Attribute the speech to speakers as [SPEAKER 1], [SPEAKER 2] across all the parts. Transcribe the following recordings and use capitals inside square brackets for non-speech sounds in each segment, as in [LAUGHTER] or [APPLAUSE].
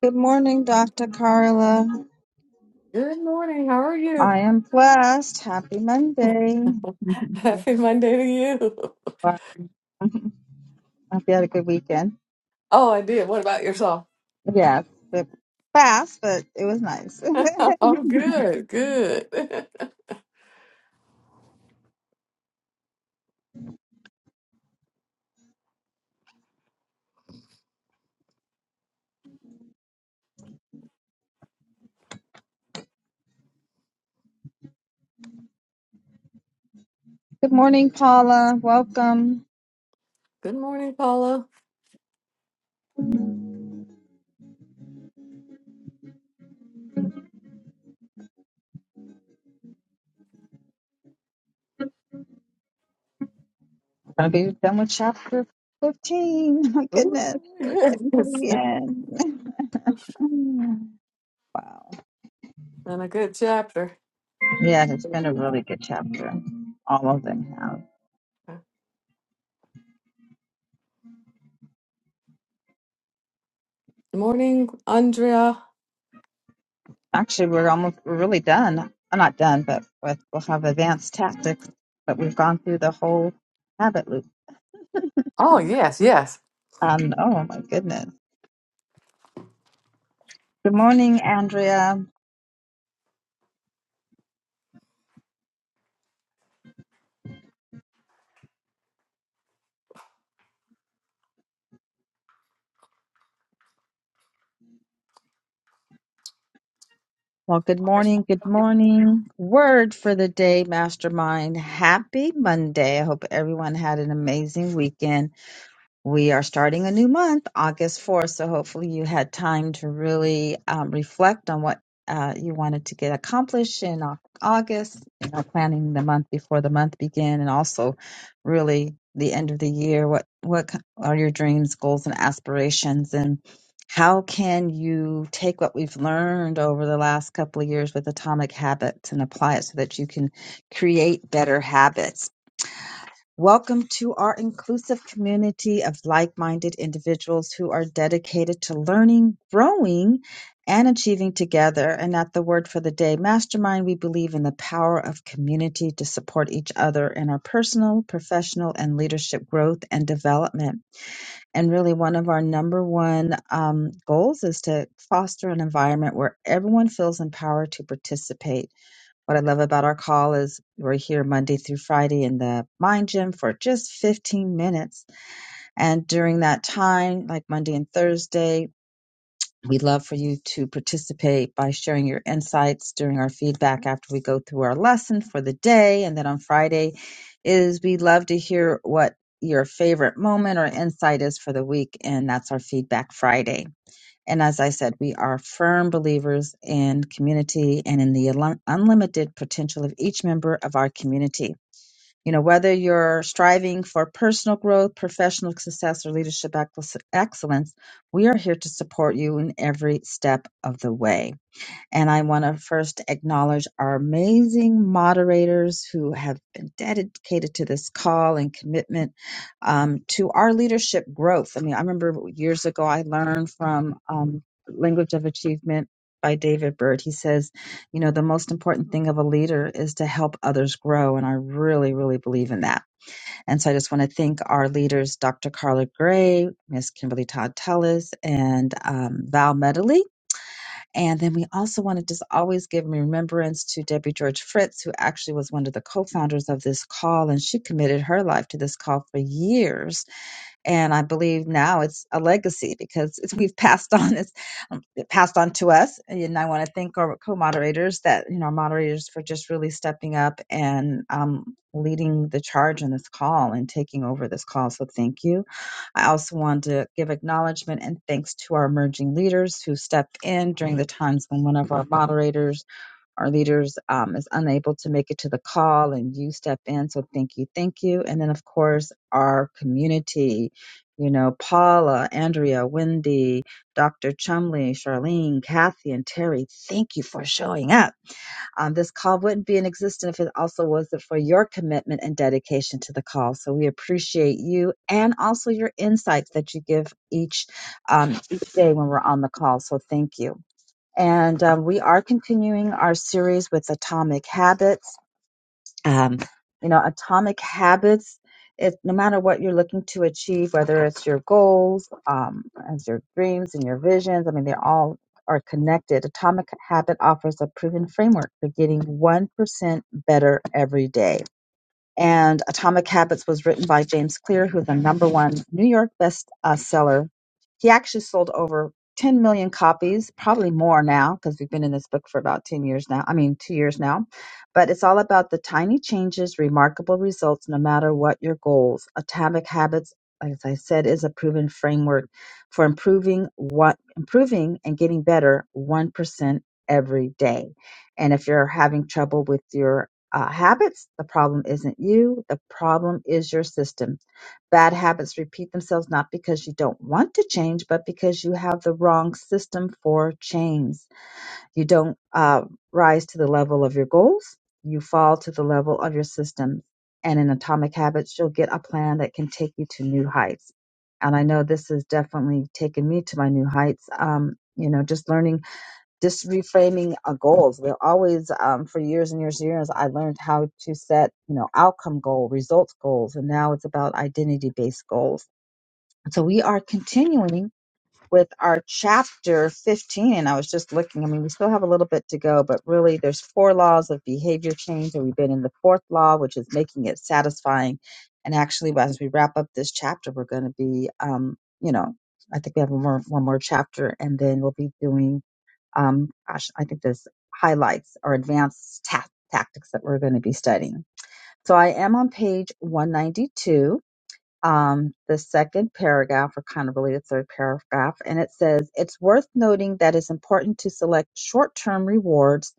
[SPEAKER 1] Good morning, Dr. Carla.
[SPEAKER 2] Good morning. How are you?
[SPEAKER 1] I am blessed. Happy Monday.
[SPEAKER 2] [LAUGHS]
[SPEAKER 1] [LAUGHS]
[SPEAKER 2] Happy Monday to you. [LAUGHS]
[SPEAKER 1] Wow. Hope you had a good weekend.
[SPEAKER 2] Oh, I did. What about yourself?
[SPEAKER 1] Yes, but fast, but it was nice.
[SPEAKER 2] Oh, good, good. [LAUGHS]
[SPEAKER 1] [LAUGHS] good morning, Paula. Welcome.
[SPEAKER 2] Good morning, Paula.
[SPEAKER 1] Gonna be done with chapter 15. [LAUGHS] My goodness,
[SPEAKER 2] Ooh,
[SPEAKER 1] we're
[SPEAKER 2] yes.
[SPEAKER 1] getting to
[SPEAKER 2] [LAUGHS]
[SPEAKER 1] the end. [SIGHS] Mm. Wow.
[SPEAKER 2] And a good chapter.
[SPEAKER 1] Yeah, it's been a really good chapter. All of them have.
[SPEAKER 2] Morning, Andrea.
[SPEAKER 1] Actually, we're almost we're really done. I'm not done, but with, we'll have advanced tactics. But we've gone through the whole habit loop.
[SPEAKER 2] Oh, yes, yes.
[SPEAKER 1] Um, oh my goodness. Good morning, Andrea. Well, good morning. Good morning. Word for the day, Mastermind. Happy Monday. I hope everyone had an amazing weekend. We are starting a new month, August 4th, so hopefully you had time to really um, reflect on what uh, you wanted to get accomplished in Au- August, you know, planning the month before the month began, and also really the end of the year. What what ki- are your dreams, goals, and aspirations, and how can you take what we've learned over the last couple of years with Atomic Habits and apply it so that you can create better habits? Welcome to our inclusive community of like minded individuals who are dedicated to learning, growing, and achieving together. And at the word for the day, mastermind, we believe in the power of community to support each other in our personal, professional, and leadership growth and development. And really, one of our number one um, goals is to foster an environment where everyone feels empowered to participate what I love about our call is we're here Monday through Friday in the mind gym for just 15 minutes. And during that time, like Monday and Thursday, we'd love for you to participate by sharing your insights during our feedback after we go through our lesson for the day. And then on Friday is we would love to hear what your favorite moment or insight is for the week. And that's our feedback Friday. And as I said, we are firm believers in community and in the unli- unlimited potential of each member of our community. You know, whether you're striving for personal growth, professional success, or leadership ex- excellence, we are here to support you in every step of the way. And I want to first acknowledge our amazing moderators who have been dedicated to this call and commitment um, to our leadership growth. I mean, I remember years ago I learned from um, Language of Achievement by David Bird. He says, you know, the most important thing of a leader is to help others grow. And I really, really believe in that. And so I just want to thank our leaders, Dr. Carla Gray, Miss Kimberly Todd Tellis, and um, Val Medley and then we also want to just always give remembrance to Debbie George Fritz, who actually was one of the co founders of this call, and she committed her life to this call for years and I believe now it's a legacy because it's, we've passed [LAUGHS] on it's um, it passed on to us. And I want to thank our co-moderators that you know our moderators for just really stepping up and um, leading the charge in this call and taking over this call. So thank you. I also want to give acknowledgement and thanks to our emerging leaders who stepped in during the times when one of our [LAUGHS] moderators our leaders um, is unable to make it to the call and you step in. So thank you, thank you. And then, of course, our community, you know, Paula, Andrea, Wendy, Dr. Chumley, Charlene, Kathy, and Terry, thank you for showing up. Um, this call wouldn't be in existence if it also wasn't for your commitment and dedication to the call. So we appreciate you and also your insights that you give each, um, each day when we're on the call. So thank you. And um, we are continuing our series with Atomic Habits. Um, you know, Atomic Habits, it, no matter what you're looking to achieve, whether it's your goals, um, as your dreams and your visions, I mean, they all are connected. Atomic Habit offers a proven framework for getting 1% better every day. And Atomic Habits was written by James Clear, who's a number one New York bestseller he actually sold over 10 million copies, probably more now, because we've been in this book for about 10 years now. I mean, two years now. But it's all about the tiny changes, remarkable results, no matter what your goals. Atomic Habits, as I said, is a proven framework for improving what improving and getting better 1% every day. And if you're having trouble with your uh, habits, the problem isn't you, the problem is your system Bad habits repeat themselves not because you don't want to change, but because you have the wrong system for change. You don't uh, rise to the level of your goals, you fall to the level of your system. And in Atomic Habits, you'll get a plan that can take you to new heights. And I know this has definitely taken me to my new heights. Um, you know, just learning just reframing our goals. We're always, um, for years and years and years, I learned how to set, you know, outcome goal, results goals, and now it's about identity based goals. So we are continuing with our chapter 15. And I was just looking, I mean, we still have a little bit to go, but really there's four laws of behavior change. And we've been in the fourth law, which is making it satisfying. And actually, as we wrap up this chapter, we're going to be, um, you know, I think we have one more, one more chapter and then we'll be doing um, gosh, I think this highlights or advanced ta- tactics that we're going to be studying. So I am on page 192. Um, the second paragraph, or kind of really the third paragraph, and it says, It's worth noting that it's important to select short term rewards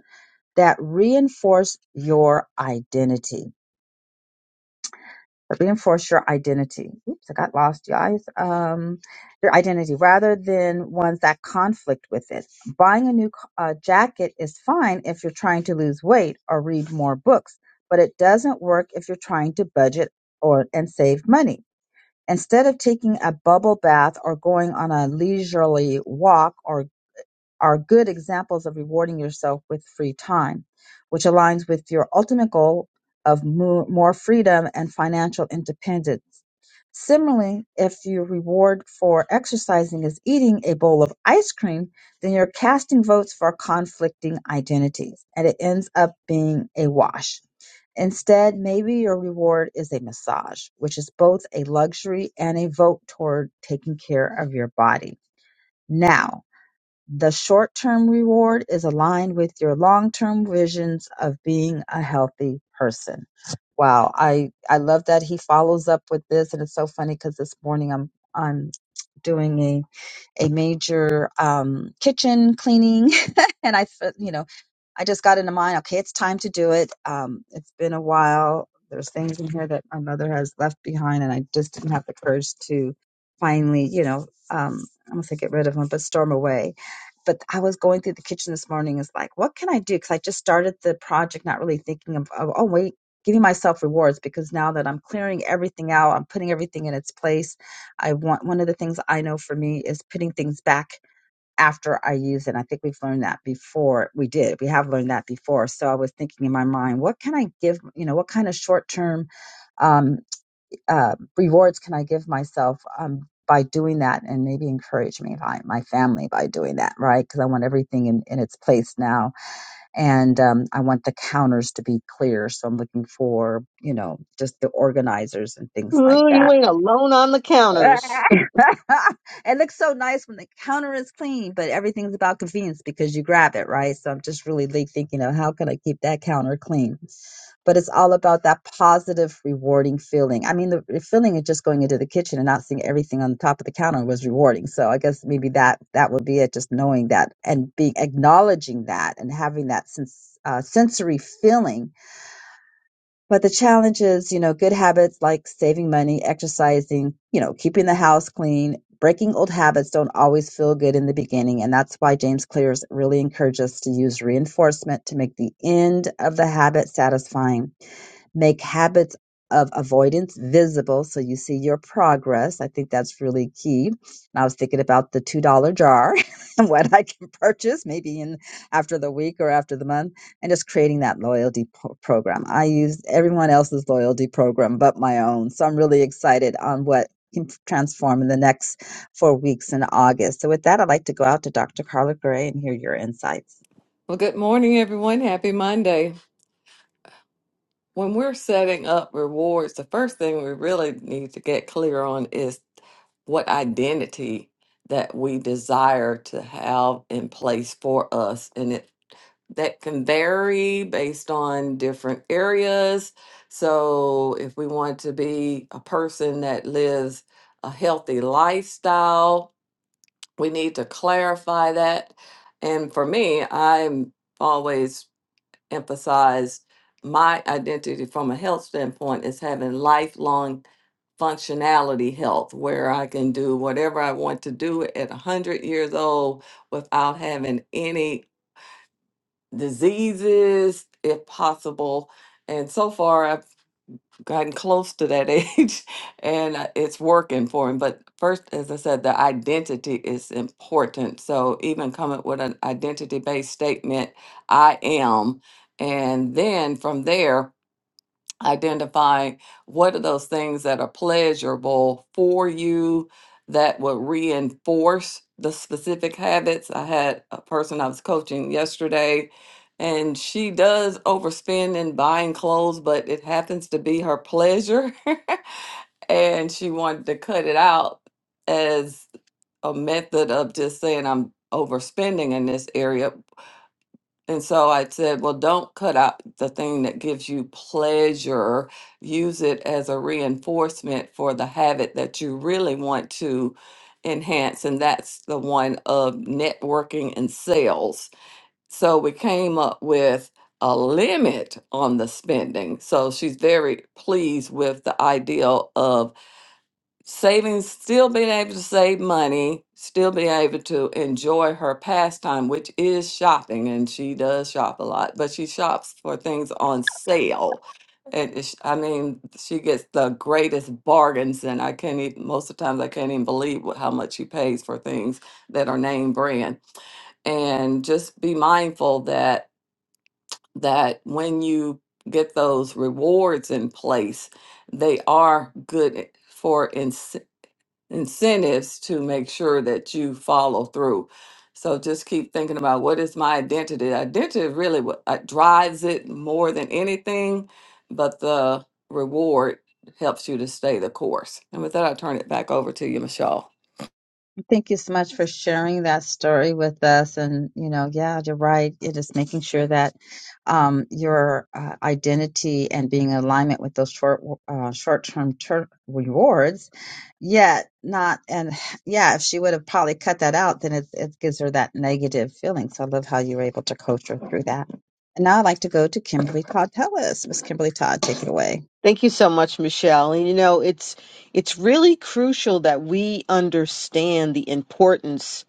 [SPEAKER 1] that reinforce your identity reinforce your identity. Oops, I got lost, you guys. Um, your identity rather than ones that conflict with it. Buying a new co- uh, jacket is fine if you're trying to lose weight or read more books, but it doesn't work if you're trying to budget or and save money. Instead of taking a bubble bath or going on a leisurely walk or are good examples of rewarding yourself with free time, which aligns with your ultimate goal of mo- more freedom and financial independence. Similarly, if your reward for exercising is eating a bowl of ice cream, then you're casting votes for conflicting identities, and it ends up being a wash. Instead, maybe your reward is a massage, which is both a luxury and a vote toward taking care of your body. Now, the short term reward is aligned with your long term visions of being a healthy person. Wow. I, I love that he follows up with this. And it's so funny because this morning I'm, I'm doing a, a major, um, kitchen cleaning [LAUGHS] and I, fe- you know, I just got into mine. Okay, it's time to do it. Um, it's been a while. There's things in here that my mother has left behind, and I just didn't have the courage to finally, you know, um, I don't say get rid of them, but storm away. But I was going through the kitchen this morning. It's like, what can I do? Because I just started the project, not really thinking of, of oh wait, giving myself rewards because now that I'm clearing everything out, I'm putting everything in its place. I want one of the things I know for me is putting things back after I use it. I think we've learned that before. We did. We have learned that before. So I was thinking in my mind, what can I give? You know, what kind of short term um, uh, rewards can I give myself um, by doing that, and maybe encourage me by my family by doing that, right? Because I want everything in, in its place now, and um, I want the counters to be clear. So I'm looking for, you know, just the organizers and things like
[SPEAKER 3] Ooh,
[SPEAKER 1] that
[SPEAKER 3] you ain't alone on the counters.
[SPEAKER 1] [LAUGHS] it looks so nice when the counter is clean, but everything's about convenience because you grab it, right? So I'm just really like thinking of how can I keep that counter clean? But it's all about that positive, rewarding feeling. I mean, the the feeling of just going into the kitchen and not seeing everything on the top of the counter was rewarding. So I guess maybe that that would be it. Just knowing that and being acknowledging that and having that sense, uh, sensory feeling but the challenge is, you know, good habits like saving money, exercising, you know, keeping the house clean, breaking old habits don't always feel good in the beginning. And that's why James Clears really encourages us to use reinforcement to make the end of the habit satisfying make habits of avoidance visible so you see your progress. I think that's really key. And I was thinking about the $2 jar [LAUGHS] and what I can purchase maybe in after the week or after the month and just creating that loyalty po- program. I use everyone else's loyalty program but my own. So I'm really excited on what can transform in the next 4 weeks in August. So with that I'd like to go out to Dr. Carla Gray and hear your insights.
[SPEAKER 2] Well, good morning, everyone. Happy Monday. when we're setting up rewards, the first thing we really need to get clear on is what identity that we desire to have in place for us. And it that can vary based on different areas. So if we want to be a person that lives a healthy lifestyle, we need to clarify that. And for me, I'm always emphasize my identity from a health standpoint is having lifelong functionality health where I can do whatever I want to do at 100 years old without having any diseases if possible. And so far, I've gotten close to that [LAUGHS] age and uh, it's working for him but first as i said the identity is important so even coming with an identity based statement i am and then from there identify what are those things that are pleasurable for you that would reinforce the specific habits. I had a person I was coaching yesterday, and she does overspend in buying clothes, but it happens to be her pleasure. [LAUGHS] and she wanted to cut it out as a method of just saying, I'm overspending in this area. And so I said, well, don't cut out the thing that gives you pleasure. Use it as a reinforcement for the habit that you really want to enhance. And that's the one of networking and sales. So we came up with a limit on the spending. So she's very pleased with the idea of saving, still being able to save money, still being able to enjoy her pastime, which is shopping, and she does shop a lot, but she shops for things on sale. And it's- I mean, she gets the greatest bargains, and I can't even, most of the times, I can't even believe what, how much she pays for things that are name brand and just be mindful that that when you get those rewards in place they are good for incentives to make sure that you follow through. So just keep thinking about what is my identity. Identity is really what uh, drives it more than anything, but the reward helps you to stay the course. And with that, I turn it back over to you, Michelle.
[SPEAKER 1] Thank you so much for sharing that story with us. And, you know, yeah, you're right. It is making sure that um, your uh, identity and being in alignment with those short, uh, short-term ter- rewards, yet not, and yeah, if she would have probably cut that out, then it, it gives her that negative feeling. So I love how you were able to coach her through that. And now I'd like to go to Kimberly Todd Pellis. Miss Kimberly Todd, take it away.
[SPEAKER 3] Thank you so much, Michelle. And you know, it's it's really crucial that we understand the importance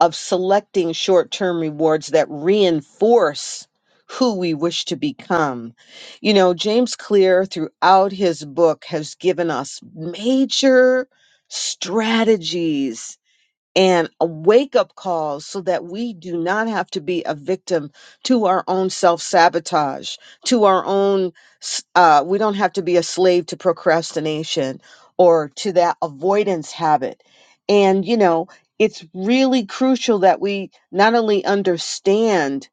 [SPEAKER 3] of selecting short-term rewards that reinforce who we wish to become. You know, James Clear throughout his book has given us major strategies and a wake up call so that we do not have to be a victim to our own self sabotage, to our own, s- uh, we don't have to be a slave to procrastination or to that avoidance habit. And, you know, it's really crucial that we not only understand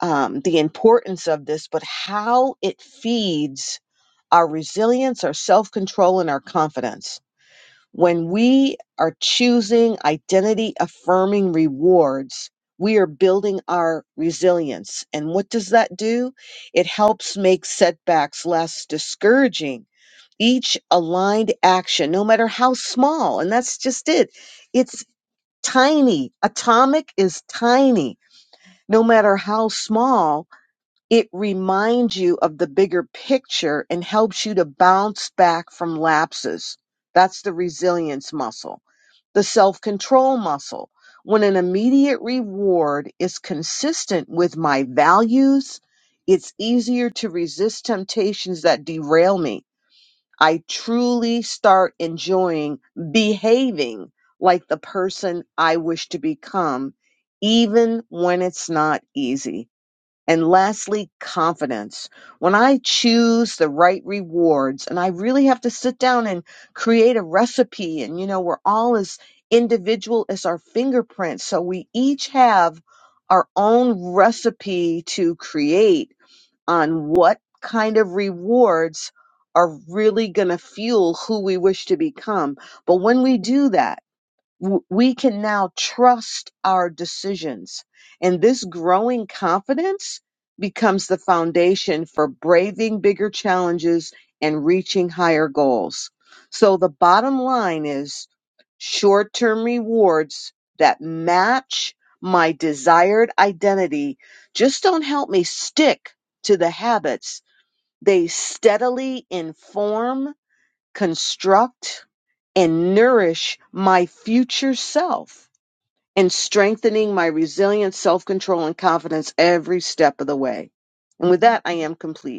[SPEAKER 3] um, the importance of this, but how it feeds our resilience, our self control, and our confidence when we are choosing identity affirming rewards, we are building our resilience. And what does that do? It helps make setbacks less discouraging. Each aligned action, no matter how small, and that's just it, it's tiny. Atomic is tiny. No matter how small, it reminds you of the bigger picture and helps you to bounce back from lapses. That's the resilience muscle. The self control muscle. When an immediate reward is consistent with my values, it's easier to resist temptations that derail me. I truly start enjoying behaving like the person I wish to become, even when it's not easy. And lastly, confidence. When I choose the right rewards and I really have to sit down and create a recipe and you know, we're all as individual as our fingerprints. So we each have our own recipe to create on what kind of rewards are really going to fuel who we wish to become. But when we do that, w- we can now trust our decisions. And this growing confidence becomes the foundation for braving bigger challenges and reaching higher goals. So the bottom line is short term rewards that match my desired identity just don't help me stick to the habits. They steadily inform construct, and nourish my future self and strengthening my resilience, self control, and confidence every step of the way. And with that, I am complete.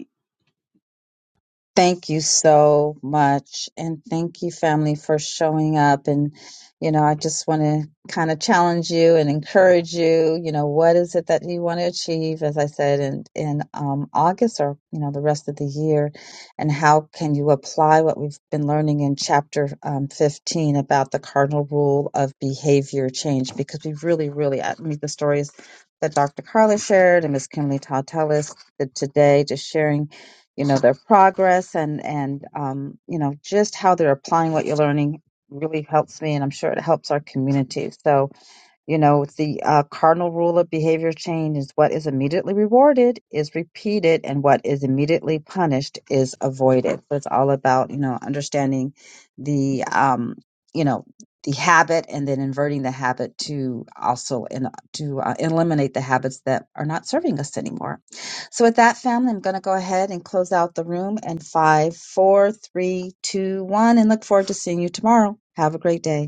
[SPEAKER 1] Thank you so much. And thank you, family, for showing up. And, you know, I just want to kind of challenge you and encourage you. You know, what is it that you want to achieve, as I said, in, in um, August or, you know, the rest of the year? And how can you apply what we've been learning in chapter um, 15 about the cardinal rule of behavior change? Because we really, really, I mean, the stories that Dr. Carla shared and Miss Kimberly Todd Tellis did today, just sharing you know their progress and and um, you know just how they're applying what you're learning really helps me and i'm sure it helps our community so you know, it's the uh, cardinal rule of behavior change is what is immediately rewarded is repeated, and what is immediately punished is avoided. So it's all about you know understanding the um, you know the habit, and then inverting the habit to also in, to uh, eliminate the habits that are not serving us anymore. So with that, family, I'm going to go ahead and close out the room. And five, four, three, two, one, and look forward to seeing you tomorrow. Have a great day.